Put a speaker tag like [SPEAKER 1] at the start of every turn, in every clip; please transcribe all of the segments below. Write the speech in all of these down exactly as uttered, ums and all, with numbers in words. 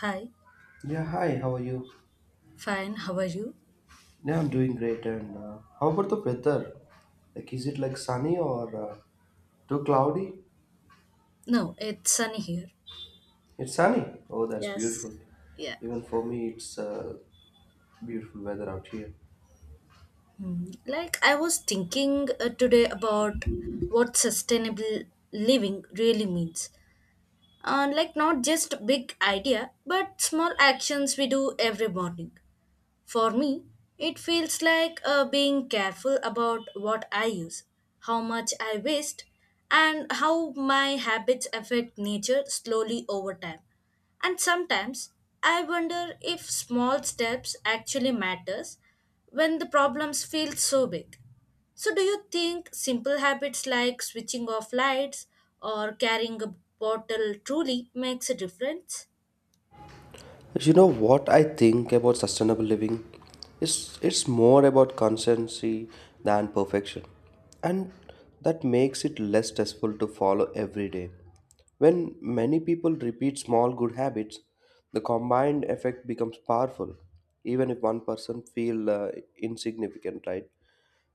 [SPEAKER 1] Hi,
[SPEAKER 2] Yeah, hi, how are you?
[SPEAKER 1] fine, how are you?
[SPEAKER 2] Yeah, I'm doing great. And uh, how about the weather? Like, is it like sunny or uh, too cloudy?
[SPEAKER 1] No, it's sunny here.
[SPEAKER 2] It's sunny. Oh, that's
[SPEAKER 1] Yes.
[SPEAKER 2] beautiful.
[SPEAKER 1] Yeah.
[SPEAKER 2] Even for me, it's uh, beautiful weather out here.
[SPEAKER 1] Hmm. Like I was thinking uh, today about what sustainable living really means. Uh, like not just big idea, but small actions we do every morning. For me, it feels like uh, being careful about what I use, how much I waste, and how my habits affect nature slowly over time. And sometimes I wonder if small steps actually matters when the problems feel so big. So do you think simple habits like switching off lights or carrying a bottle truly makes a difference?
[SPEAKER 2] You know what I think about sustainable living? It's, it's more about constancy than perfection. And that makes it less stressful to follow every day. When many people repeat small good habits, the combined effect becomes powerful, even if one person feels uh, insignificant, right?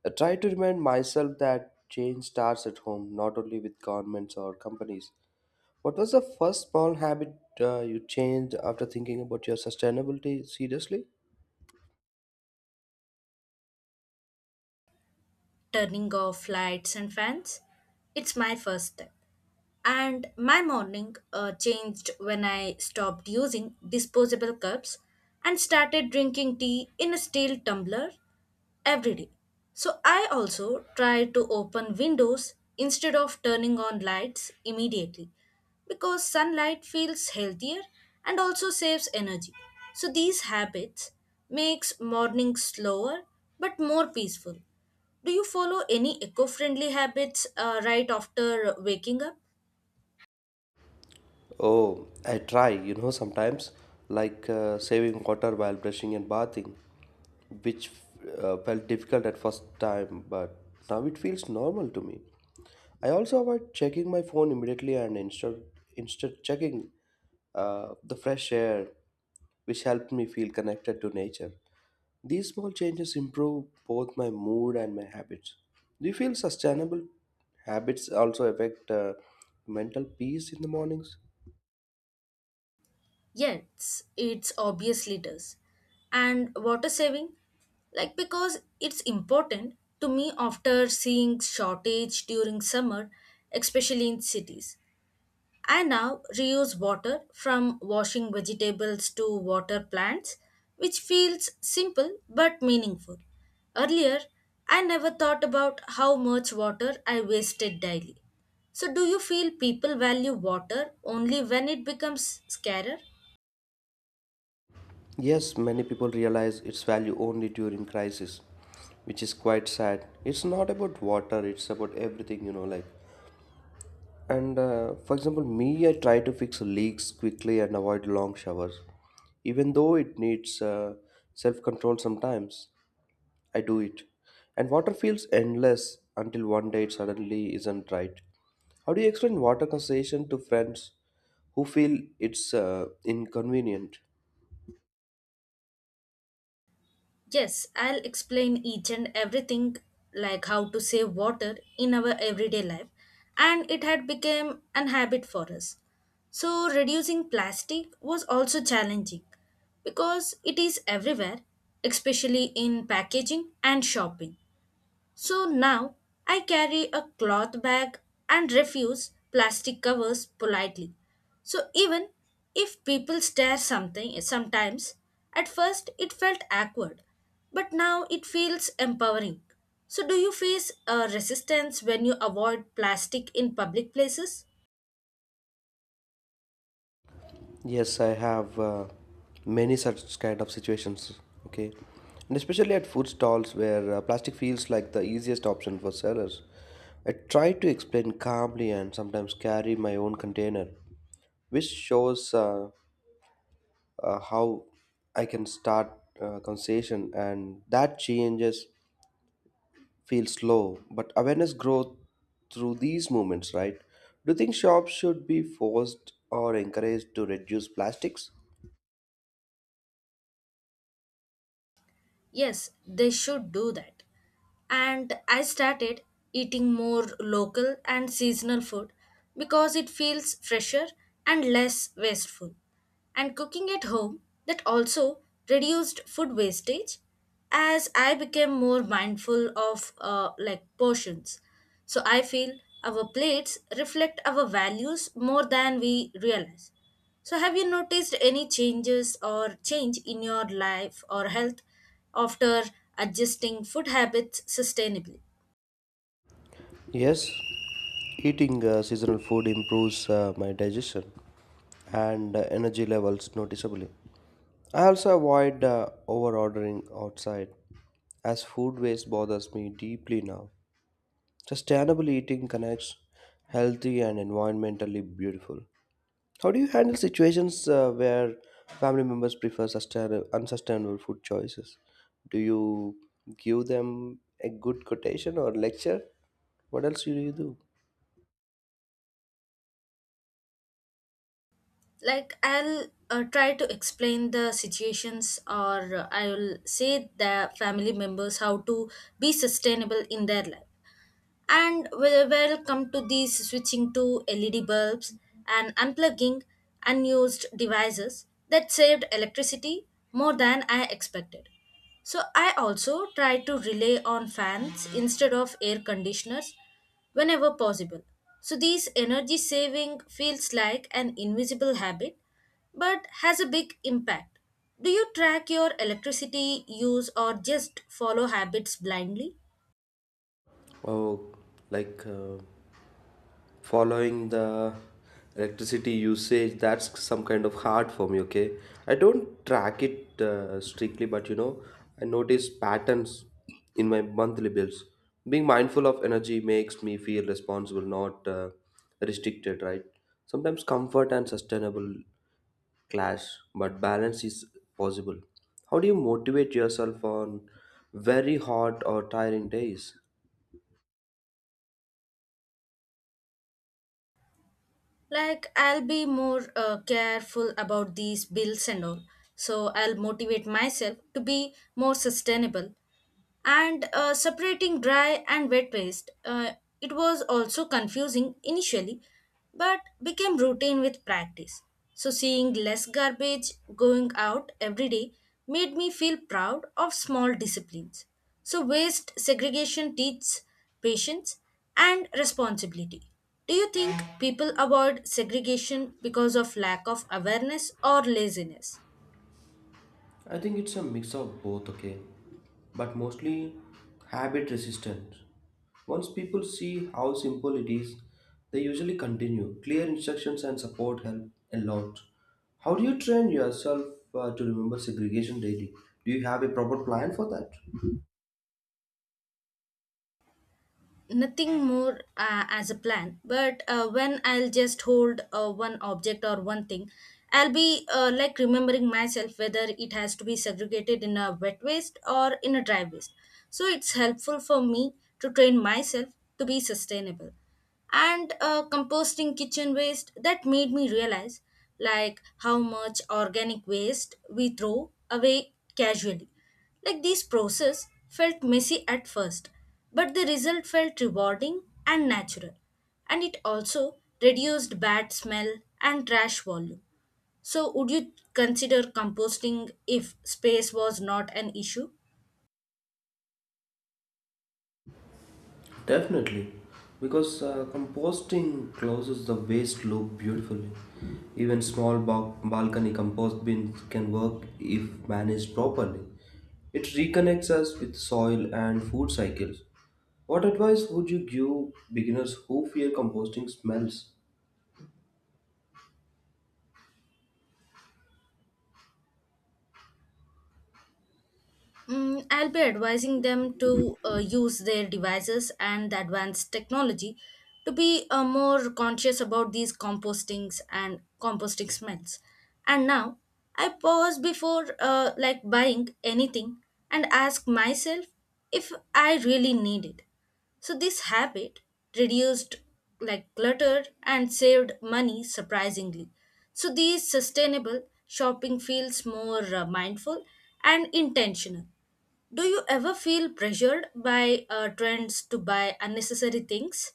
[SPEAKER 2] I try to remind myself that change starts at home, not only with governments or companies. What was the first small habit uh, you changed after thinking about your sustainability seriously?
[SPEAKER 1] Turning off lights and fans? It's my first step. And my morning uh, changed when I stopped using disposable cups and started drinking tea in a steel tumbler every day. So I also tried to open windows instead of turning on lights immediately because sunlight feels healthier and also saves energy. So these habits makes mornings slower but more peaceful. Do you follow any eco-friendly habits uh, right after waking up?
[SPEAKER 2] Oh, I try, you know, sometimes, like uh, saving water while brushing and bathing, which uh, felt difficult at first time, but now it feels normal to me. I also avoid checking my phone immediately and instead instead checking uh, the fresh air, which helped me feel connected to nature. These small changes improve both my mood and my habits. Do you feel sustainable habits also affect uh, mental peace in the mornings?
[SPEAKER 1] Yes, it's obviously does. And water saving? Like because it's important to me after seeing shortage during summer, especially in cities. I now reuse water from washing vegetables to water plants, which feels simple but meaningful. Earlier, I never thought about how much water I wasted daily. So do you feel people value water only when it becomes scarcer?
[SPEAKER 2] Yes, many people realize its value only during crisis, which is quite sad. It's not about water, it's about everything, you know, like. And uh, for example, me, I try to fix leaks quickly and avoid long showers. Even though it needs uh, self control sometimes, I do it. And water feels endless until one day it suddenly isn't right. How do you explain water conservation to friends who feel it's uh, inconvenient?
[SPEAKER 1] Yes, I'll explain each and everything like how to save water in our everyday life, and it had become an habit for us. So reducing plastic was also challenging because it is everywhere, especially in packaging and shopping. So now I carry a cloth bag and refuse plastic covers politely. So even if people stare something sometimes, at first it felt awkward, but now it feels empowering. So do you face a resistance when you avoid plastic in public places?
[SPEAKER 2] Yes, I have uh, many such kind of situations. Okay, and especially at food stalls where uh, plastic feels like the easiest option for sellers. I try to explain calmly and sometimes carry my own container, which shows uh, uh, how I can start uh, conversation, and that changes feel slow, but awareness grows through these moments, right? Do you think shops should be forced or encouraged to reduce plastics?
[SPEAKER 1] Yes, they should do that. And I started eating more local and seasonal food because it feels fresher and less wasteful. And cooking at home, that also reduced food wastage as I became more mindful of uh, like portions. So I feel our plates reflect our values more than we realize. So, have you noticed any changes or change in your life or health after adjusting food habits sustainably?
[SPEAKER 2] Yes, eating uh, seasonal food improves uh, my digestion and uh, energy levels noticeably. I also avoid uh, over ordering outside as food waste bothers me deeply now. Sustainable eating connects healthy and environmentally beautiful. How do you handle situations uh, where family members prefer sustain- unsustainable food choices? Do you give them a good quotation or lecture? What else do you do?
[SPEAKER 1] Like, I'll uh, try to explain the situations, or uh, I'll say the family members how to be sustainable in their life. And we will come to these switching to L E D bulbs and unplugging unused devices that saved electricity more than I expected. So I also try to rely on fans instead of air conditioners whenever possible. So these energy saving feels like an invisible habit but has a big impact. Do you track your electricity use or just follow habits blindly?
[SPEAKER 2] Oh, like uh, following the electricity usage, that's some kind of hard for me, okay? I don't track it uh, strictly, but you know, I notice patterns in my monthly bills. Being mindful of energy makes me feel responsible, not uh, restricted, right? Sometimes comfort and sustainable clash, but balance is possible. How do you motivate yourself on very hot or tiring days?
[SPEAKER 1] Like I'll be more uh, careful about these bills and all, so I'll motivate myself to be more sustainable. And uh, separating dry and wet waste, Uh, it was also confusing initially, but became routine with practice. So, seeing less garbage going out every day made me feel proud of small disciplines. So, waste segregation teaches patience and responsibility. Do you think people avoid segregation because of lack of awareness or laziness?
[SPEAKER 2] I think it's a mix of both, okay? But mostly habit resistance. Once people see how simple it is, they usually continue. Clear instructions and support help a lot. How do you train yourself uh, to remember segregation daily? Do you have a proper plan for that?
[SPEAKER 1] Nothing more uh, as a plan, but uh, when I'll just hold uh, one object or one thing, I'll be uh, like remembering myself whether it has to be segregated in a wet waste or in a dry waste. So it's helpful for me to train myself to be sustainable. And uh, composting kitchen waste, that made me realize like how much organic waste we throw away casually. Like these process felt messy at first, but the result felt rewarding and natural. And it also reduced bad smell and trash volume. So would you consider composting if space was not an issue?
[SPEAKER 2] Definitely, because uh, composting closes the waste loop beautifully. Even small ba- balcony compost bins can work if managed properly. It reconnects us with soil and food cycles. What advice would you give beginners who fear composting smells?
[SPEAKER 1] Mm, I'll be advising them to uh, use their devices and the advanced technology to be uh, more conscious about these compostings and composting smells. And now I pause before uh, like buying anything and ask myself if I really need it. So this habit reduced like clutter and saved money surprisingly. So these sustainable shopping feels more uh, mindful and intentional. Do you ever feel pressured by uh, trends to buy unnecessary things?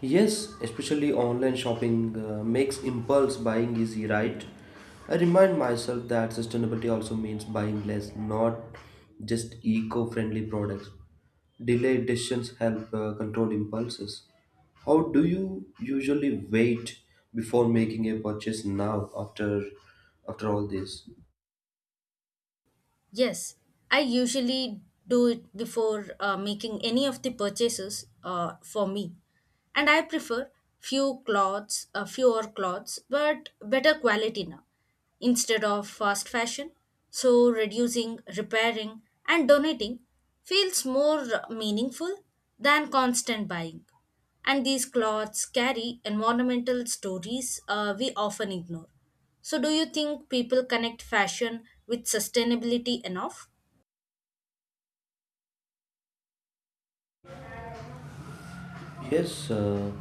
[SPEAKER 2] Yes, especially online shopping uh, makes impulse buying easy, right? I remind myself that sustainability also means buying less, not just eco friendly products. Delayed decisions help uh, control impulses. How do you usually wait before making a purchase now after after all this?
[SPEAKER 1] Yes, I usually do it before uh, making any of the purchases uh, for me. And I prefer few clothes, uh, fewer clothes, but better quality now instead of fast fashion. So reducing, repairing, and donating feels more meaningful than constant buying. And these clothes carry environmental stories uh, we often ignore. So, do you think people connect fashion with sustainability enough?
[SPEAKER 2] Yes, uh,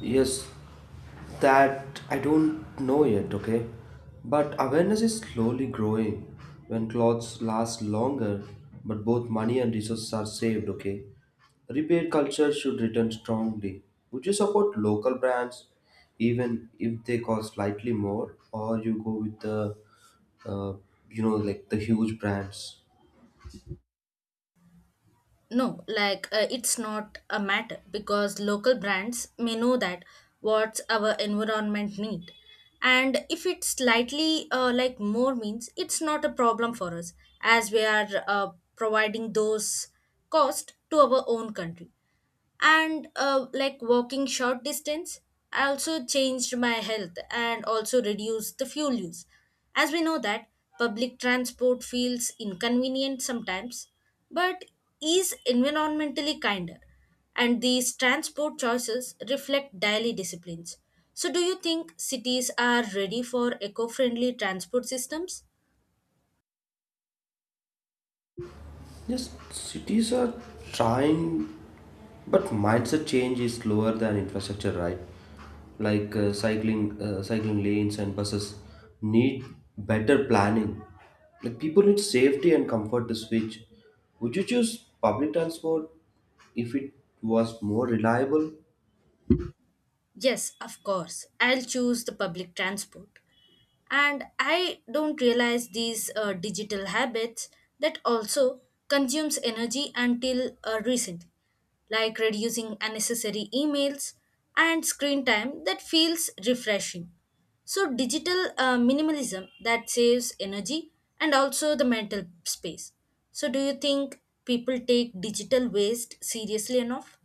[SPEAKER 2] yes, that I don't know yet, okay? But awareness is slowly growing. When clothes last longer, but both money and resources are saved, okay? Repair culture should return strongly. Would you support local brands even if they cost slightly more, or you go with the, uh, you know, like the huge brands?
[SPEAKER 1] No, like uh, it's not a matter because local brands may know that what's our environment need. And if it's slightly uh, like more means, it's not a problem for us as we are uh, providing those cost to our own country. And uh, like walking short distance, I also changed my health and also reduced the fuel use. As we know that public transport feels inconvenient sometimes, but is environmentally kinder, and these transport choices reflect daily disciplines. So do you think cities are ready for eco-friendly transport systems?
[SPEAKER 2] Yes, cities are trying, but mindset change is slower than infrastructure, right? Like uh, cycling, uh, cycling lanes and buses need better planning. Like people need safety and comfort to switch. Would you choose public transport if it was more reliable?
[SPEAKER 1] Yes, of course. I'll choose the public transport. And I don't realize these uh, digital habits that also consumes energy until uh, recently, like reducing unnecessary emails and screen time that feels refreshing. So digital uh, minimalism that saves energy and also the mental space. So do you think people take digital waste seriously enough?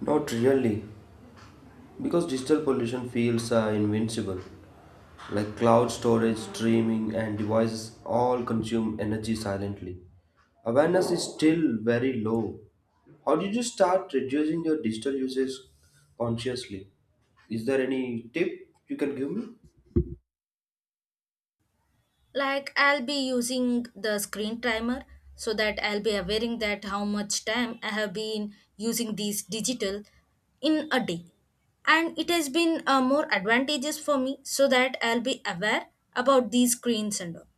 [SPEAKER 2] Not really. Because digital pollution feels uh, invincible, like cloud storage, streaming, and devices all consume energy silently. Awareness is still very low. How did you start reducing your digital usage consciously? Is there any tip you can give me?
[SPEAKER 1] Like I'll be using the screen timer so that I'll be aware that how much time I have been using these digital in a day, and it has been uh, more advantageous for me so that I'll be aware about these screens and all.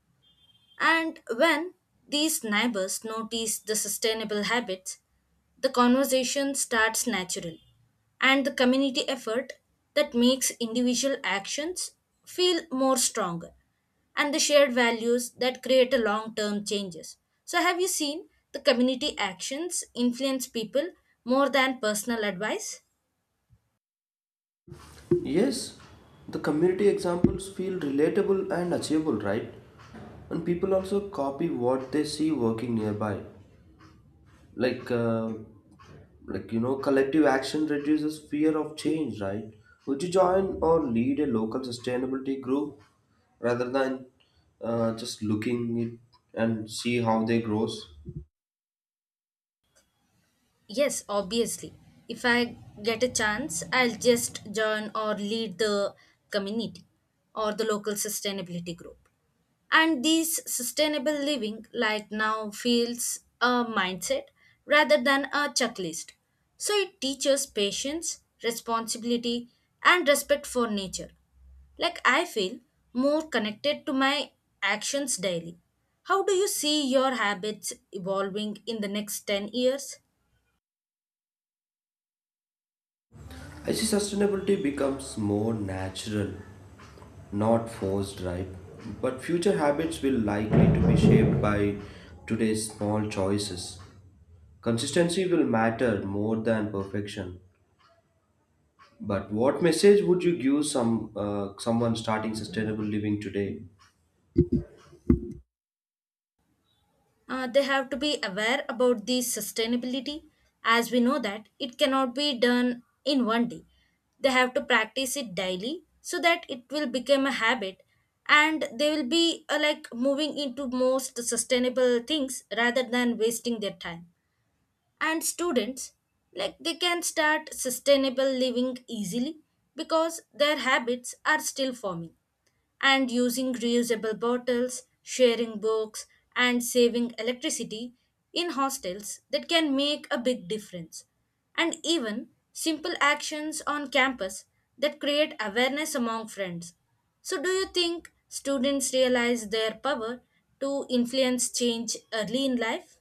[SPEAKER 1] And when these neighbors notice the sustainable habits, the conversation starts naturally, and the community effort that makes individual actions feel more stronger, and the shared values that create a long-term changes. So, have you seen the community actions influence people more than personal advice?
[SPEAKER 2] Yes, the community examples feel relatable and achievable, right? And people also copy what they see working nearby. Like uh, like you know collective action reduces fear of change, right? Would you join or lead a local sustainability group rather than uh, just looking it and see how they grows?
[SPEAKER 1] Yes, obviously. If I get a chance, I'll just join or lead the community or the local sustainability group. And these sustainable living, like now, feels a mindset rather than a checklist. So it teaches patience, responsibility, and respect for nature. Like I feel more connected to my actions daily. How do you see your habits evolving in the next ten years?
[SPEAKER 2] I see sustainability becomes more natural, not forced, right? But future habits will likely to be shaped by today's small choices. Consistency will matter more than perfection. But what message would you give some uh, someone starting sustainable living today?
[SPEAKER 1] Uh, they have to be aware about the sustainability. As we know that it cannot be done in one day, they have to practice it daily so that it will become a habit, and they will be uh, like moving into most sustainable things rather than wasting their time. And students, like they can start sustainable living easily because their habits are still forming. And using reusable bottles, sharing books, and saving electricity in hostels that can make a big difference. And even simple actions on campus that create awareness among friends. So, do you think students realize their power to influence change early in life?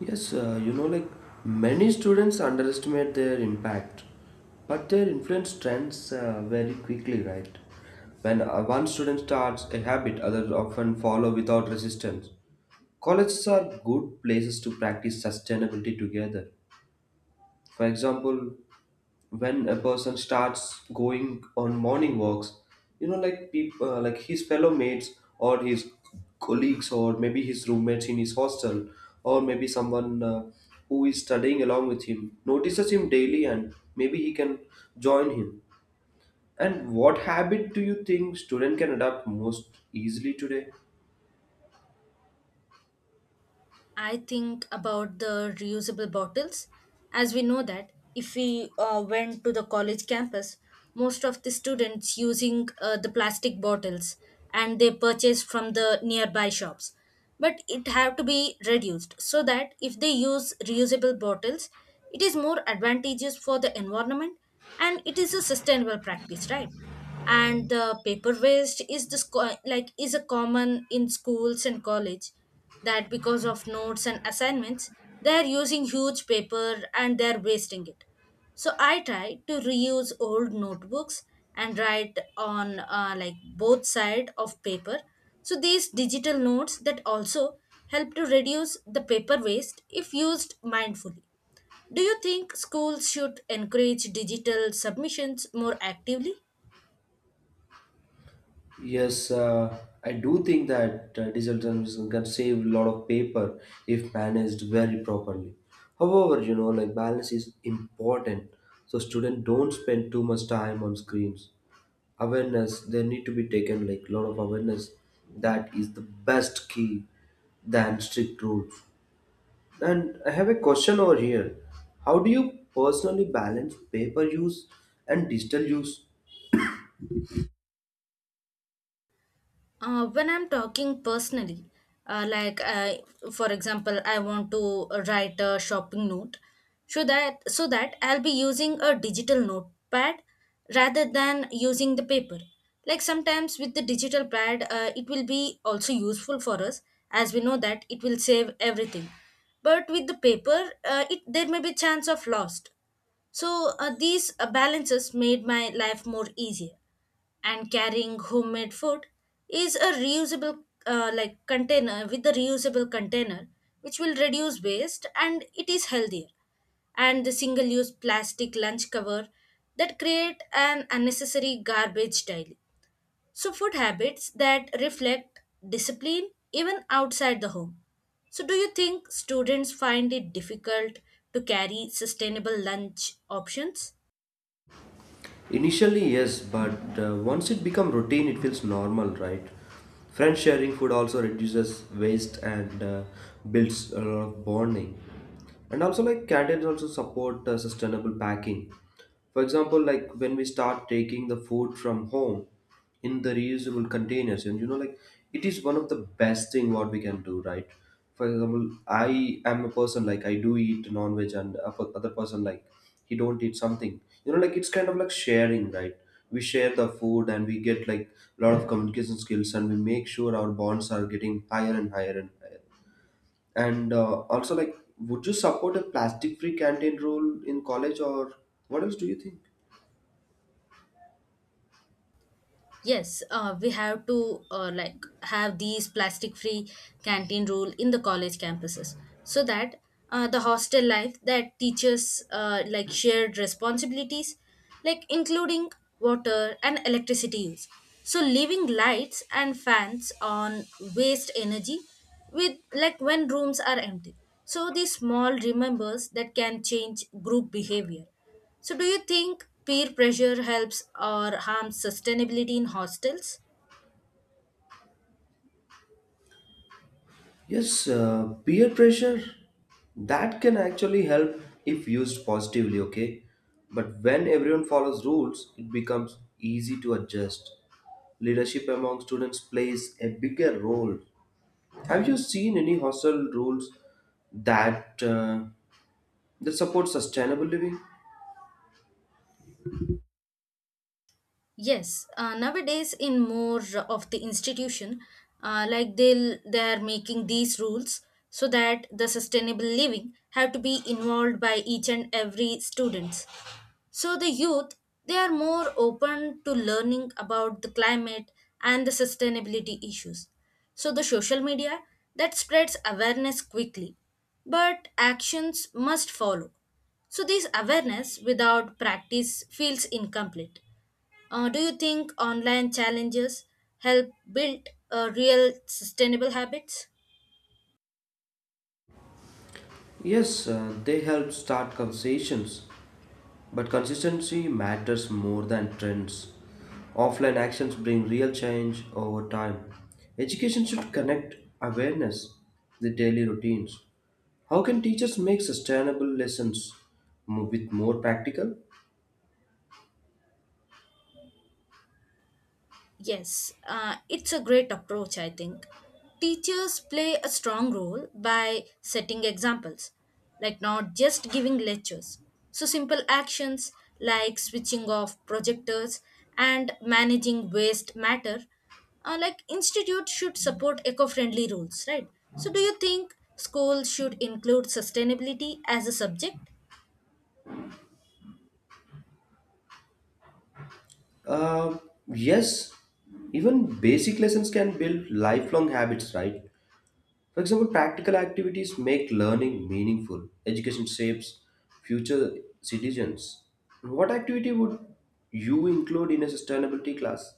[SPEAKER 2] Yes, uh, you know, like many students underestimate their impact, but their influence trends uh, very quickly, right? When uh, one student starts a habit, others often follow without resistance. Colleges are good places to practice sustainability together. For example, when a person starts going on morning walks, you know, like people uh, like his fellow mates or his colleagues or maybe his roommates in his hostel or maybe someone uh, who is studying along with him notices him daily and maybe he can join him. And what habit do you think student can adapt most easily today?
[SPEAKER 1] I think about the reusable bottles. As we know that if we uh, went to the college campus, most of the students using uh, the plastic bottles and they purchase from the nearby shops. But it have to be reduced, so that if they use reusable bottles, it is more advantageous for the environment and it is a sustainable practice, right? And the paper waste is this co- like is a common in schools and college that because of notes and assignments, they're using huge paper and they're wasting it. So I try to reuse old notebooks and write on uh, like both side of paper. So these digital notes that also help to reduce the paper waste if used mindfully. Do you think schools should encourage digital submissions more actively?
[SPEAKER 2] Yes, uh, I do think that uh, digital transmission can save a lot of paper if managed very properly. However, you know, like balance is important, so students don't spend too much time on screens. Awareness, there need to be taken like a lot of awareness. That is the best key than strict rules. And I have a question over here. How do you personally balance paper use and digital use?
[SPEAKER 1] Uh, when I'm talking personally, uh, like I, for example, I want to write a shopping note, so that so that I'll be using a digital notepad rather than using the paper. Like sometimes with the digital pad, uh, it will be also useful for us as we know that it will save everything. But with the paper, uh, it there may be chance of lost. So uh, these uh, balances made my life more easier. And carrying homemade food is a reusable uh, like container with a reusable container, which will reduce waste and it is healthier. And the single use plastic lunch cover that create an unnecessary garbage daily. So food habits that reflect discipline even outside the home. So do you think students find it difficult to carry sustainable lunch options?
[SPEAKER 2] Initially, yes, but uh, once it becomes routine, it feels normal, right? Friends sharing food also reduces waste and uh, builds a lot of bonding. And also, like canteens also support uh, sustainable packing. For example, like when we start taking the food from home, in the reusable containers, and you know, like it is one of the best thing what we can do, right? For example, I am a person like I do eat non-veg and a per- other person, like he don't eat something, you know, like it's kind of like sharing, right? We share the food and we get like a lot of communication skills and we make sure our bonds are getting higher and higher and higher. And uh, also, like would you support a plastic free canteen rule in college, or what else do you think?
[SPEAKER 1] Yes, uh, we have to uh, like have these plastic free canteen rule in the college campuses, so that uh, the hostel life that teaches uh, like shared responsibilities like including water and electricity use. So leaving lights and fans on waste energy with like when rooms are empty. So these small remembers that can change group behavior. So, do you think peer pressure helps or harms sustainability in hostels?
[SPEAKER 2] Yes, uh, peer pressure that can actually help if used positively, okay? But when everyone follows rules, it becomes easy to adjust. Leadership among students plays a bigger role. Have you seen any hostel rules that uh, that support sustainable living?
[SPEAKER 1] Yes, uh, nowadays in more of the institution, uh, like they'll they are making these rules so that the sustainable living have to be involved by each and every students. So the youth, they are more open to learning about the climate and the sustainability issues. So the social media that spreads awareness quickly, but actions must follow. So this awareness without practice feels incomplete. Uh, do you think online challenges help build uh, real sustainable habits?
[SPEAKER 2] Yes, uh, they help start conversations, but consistency matters more than trends. Offline actions bring real change over time. Education should connect awareness with daily routines. How can teachers make sustainable lessons mo- with more practical?
[SPEAKER 1] Yes, uh, it's a great approach, I think. Teachers play a strong role by setting examples, like not just giving lectures. So, simple actions like switching off projectors and managing waste matter, uh, like institute should support eco-friendly rules, right? So, do you think schools should include sustainability as a subject?
[SPEAKER 2] Uh, yes, even basic lessons can build lifelong habits, right? For example, practical activities make learning meaningful. Education shapes future citizens. What activity would you include in a sustainability class?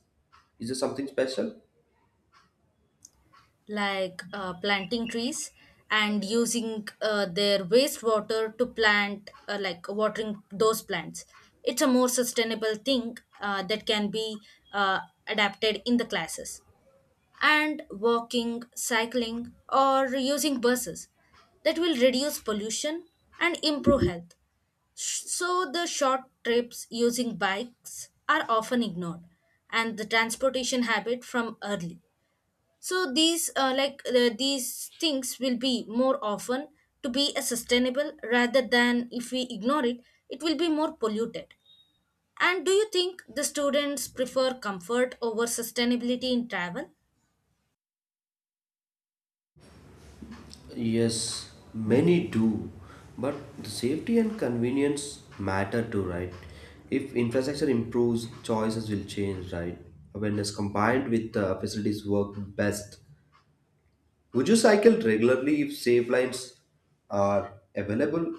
[SPEAKER 2] Is there something special?
[SPEAKER 1] Like uh, planting trees and using uh, their wastewater to plant, uh, like watering those plants, it's a more sustainable thing uh, that can be uh, adapted in the classes. And walking, cycling, or using buses that will reduce pollution and improve health. Sh- so the short trips using bikes are often ignored, and the transportation habit from early, so these uh, like uh, these things will be more often to be a sustainable rather than if we ignore it, it will be more polluted. And do you think the students prefer comfort over sustainability in travel?
[SPEAKER 2] Yes, many do. But the safety and convenience matter too, right? If infrastructure improves, choices will change, right? Awareness combined with the facilities work best. Would you cycle regularly if safe lines are available?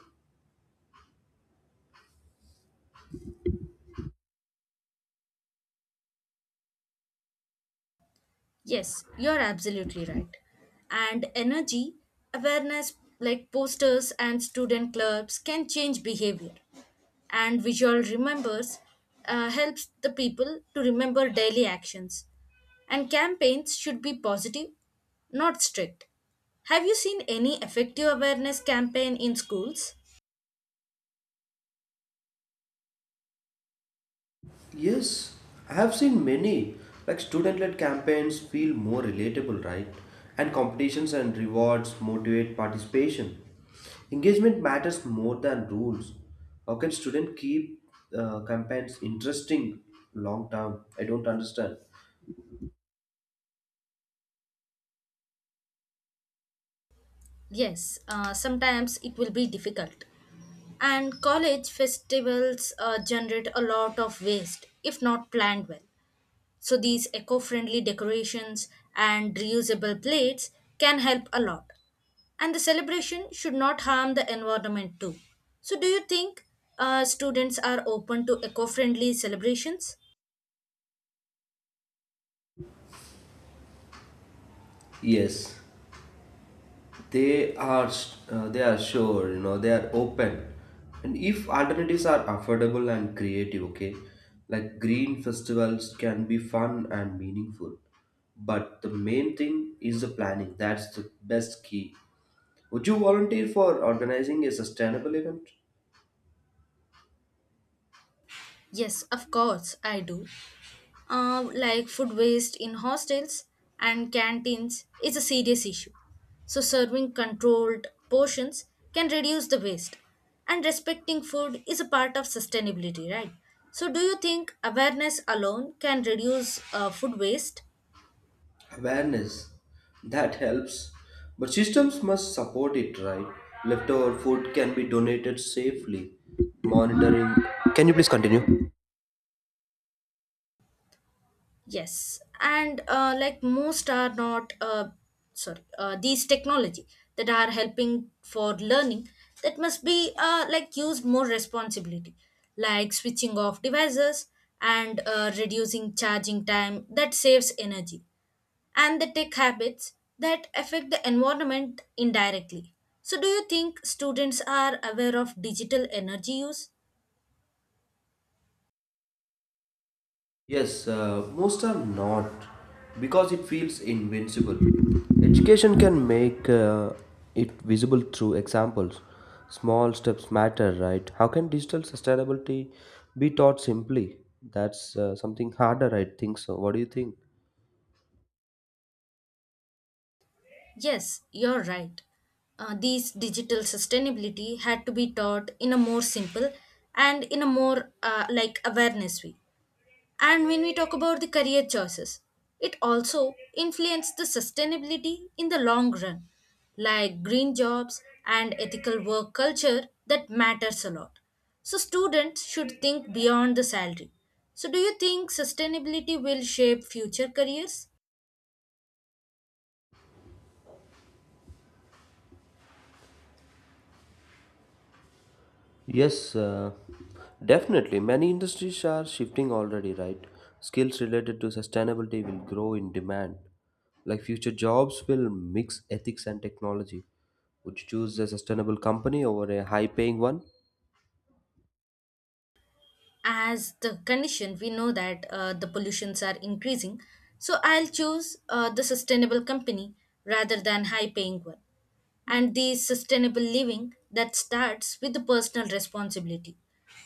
[SPEAKER 1] Yes, you're absolutely right. And energy awareness, like posters and student clubs, can change behavior, and visual remembers uh, helps the people to remember daily actions. And campaigns should be positive, not strict. Have you seen any effective awareness campaign in schools?
[SPEAKER 2] Yes, I have seen many. Like student led campaigns feel more relatable, right? And competitions and rewards motivate participation. Engagement matters more than rules. How can student keep uh, campaigns interesting long term? I don't understand.
[SPEAKER 1] Yes, uh, sometimes it will be difficult. And college festivals uh, generate a lot of waste if not planned well. So these eco-friendly decorations and reusable plates can help a lot. And the celebration should not harm the environment too. So do you think uh, students are open to eco-friendly celebrations?
[SPEAKER 2] Yes, they are, uh, they are sure, you know, they are open. And if alternatives are affordable and creative, okay, like green festivals can be fun and meaningful, but the main thing is the planning. That's the best key. Would you volunteer for organizing a sustainable event?
[SPEAKER 1] Yes, of course I do. Um, like food waste in hostels and canteens is a serious issue. So, serving controlled portions can reduce the waste. And respecting food is a part of sustainability, right? So, do you think awareness alone can reduce uh, food waste?
[SPEAKER 2] Awareness that helps, but systems must support it, right? Leftover food can be donated safely. Monitoring. Can you please continue?
[SPEAKER 1] Yes, and uh, like most are not, uh, sorry, uh, these technology that are helping for learning that must be uh, like used more responsibility, like switching off devices and uh, reducing charging time that saves energy, and the tech habits that affect the environment indirectly. So, do you think students are aware of digital energy use?
[SPEAKER 2] Yes, uh, most are not because it feels invincible. Education can make uh, it visible through examples. Small steps matter, right? How can digital sustainability be taught simply? That's uh, something harder, I think so. What do you think?
[SPEAKER 1] Yes, you're right. Uh, these digital sustainability had to be taught in a more simple and in a more uh, like awareness way. And when we talk about the career choices, it also influenced the sustainability in the long run, like green jobs and ethical work culture that matters a lot. So students should think beyond the salary. So do you think sustainability will shape future careers?
[SPEAKER 2] Yes, uh, definitely. Many industries are shifting already, right? Skills related to sustainability will grow in demand. Like future jobs will mix ethics and technology. Would you choose a sustainable company over a high paying one?
[SPEAKER 1] As the condition we know that uh, the pollutions are increasing, so I'll choose uh, the sustainable company rather than high paying one. And the sustainable living that starts with the personal responsibility,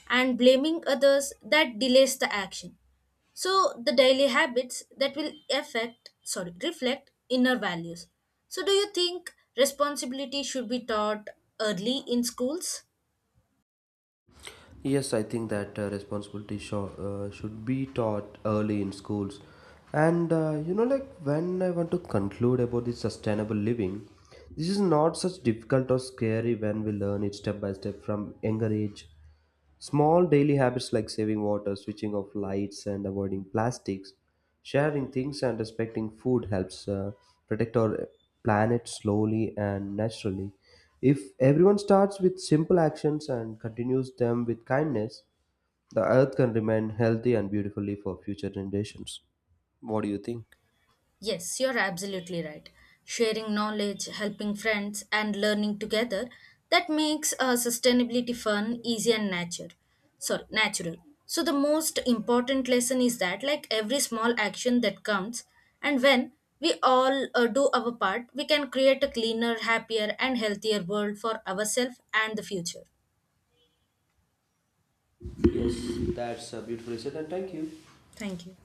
[SPEAKER 1] and blaming others that delays the action. So the daily habits that will affect, sorry, reflect inner values. So do you think responsibility should be taught early in schools?
[SPEAKER 2] Yes, I think that uh, responsibility sho- uh, should be taught early in schools. And uh, you know, like when I want to conclude about this sustainable living, this is not such difficult or scary when we learn it step by step from younger age. Small daily habits like saving water, switching off lights, and avoiding plastics, sharing things, and respecting food helps uh, protect our planet slowly and naturally. If everyone starts with simple actions and continues them with kindness, the earth can remain healthy and beautifully for future generations. What do you think?
[SPEAKER 1] Yes, you're absolutely right. Sharing knowledge, helping friends, and learning together that makes uh, sustainability fun, easy, and natural. Sorry, natural. So the most important lesson is that, like every small action that counts, and when we all uh, do our part, we can create a cleaner, happier, and healthier world for ourselves and the future.
[SPEAKER 2] Yes, that's a beautiful said, and thank you.
[SPEAKER 1] Thank you.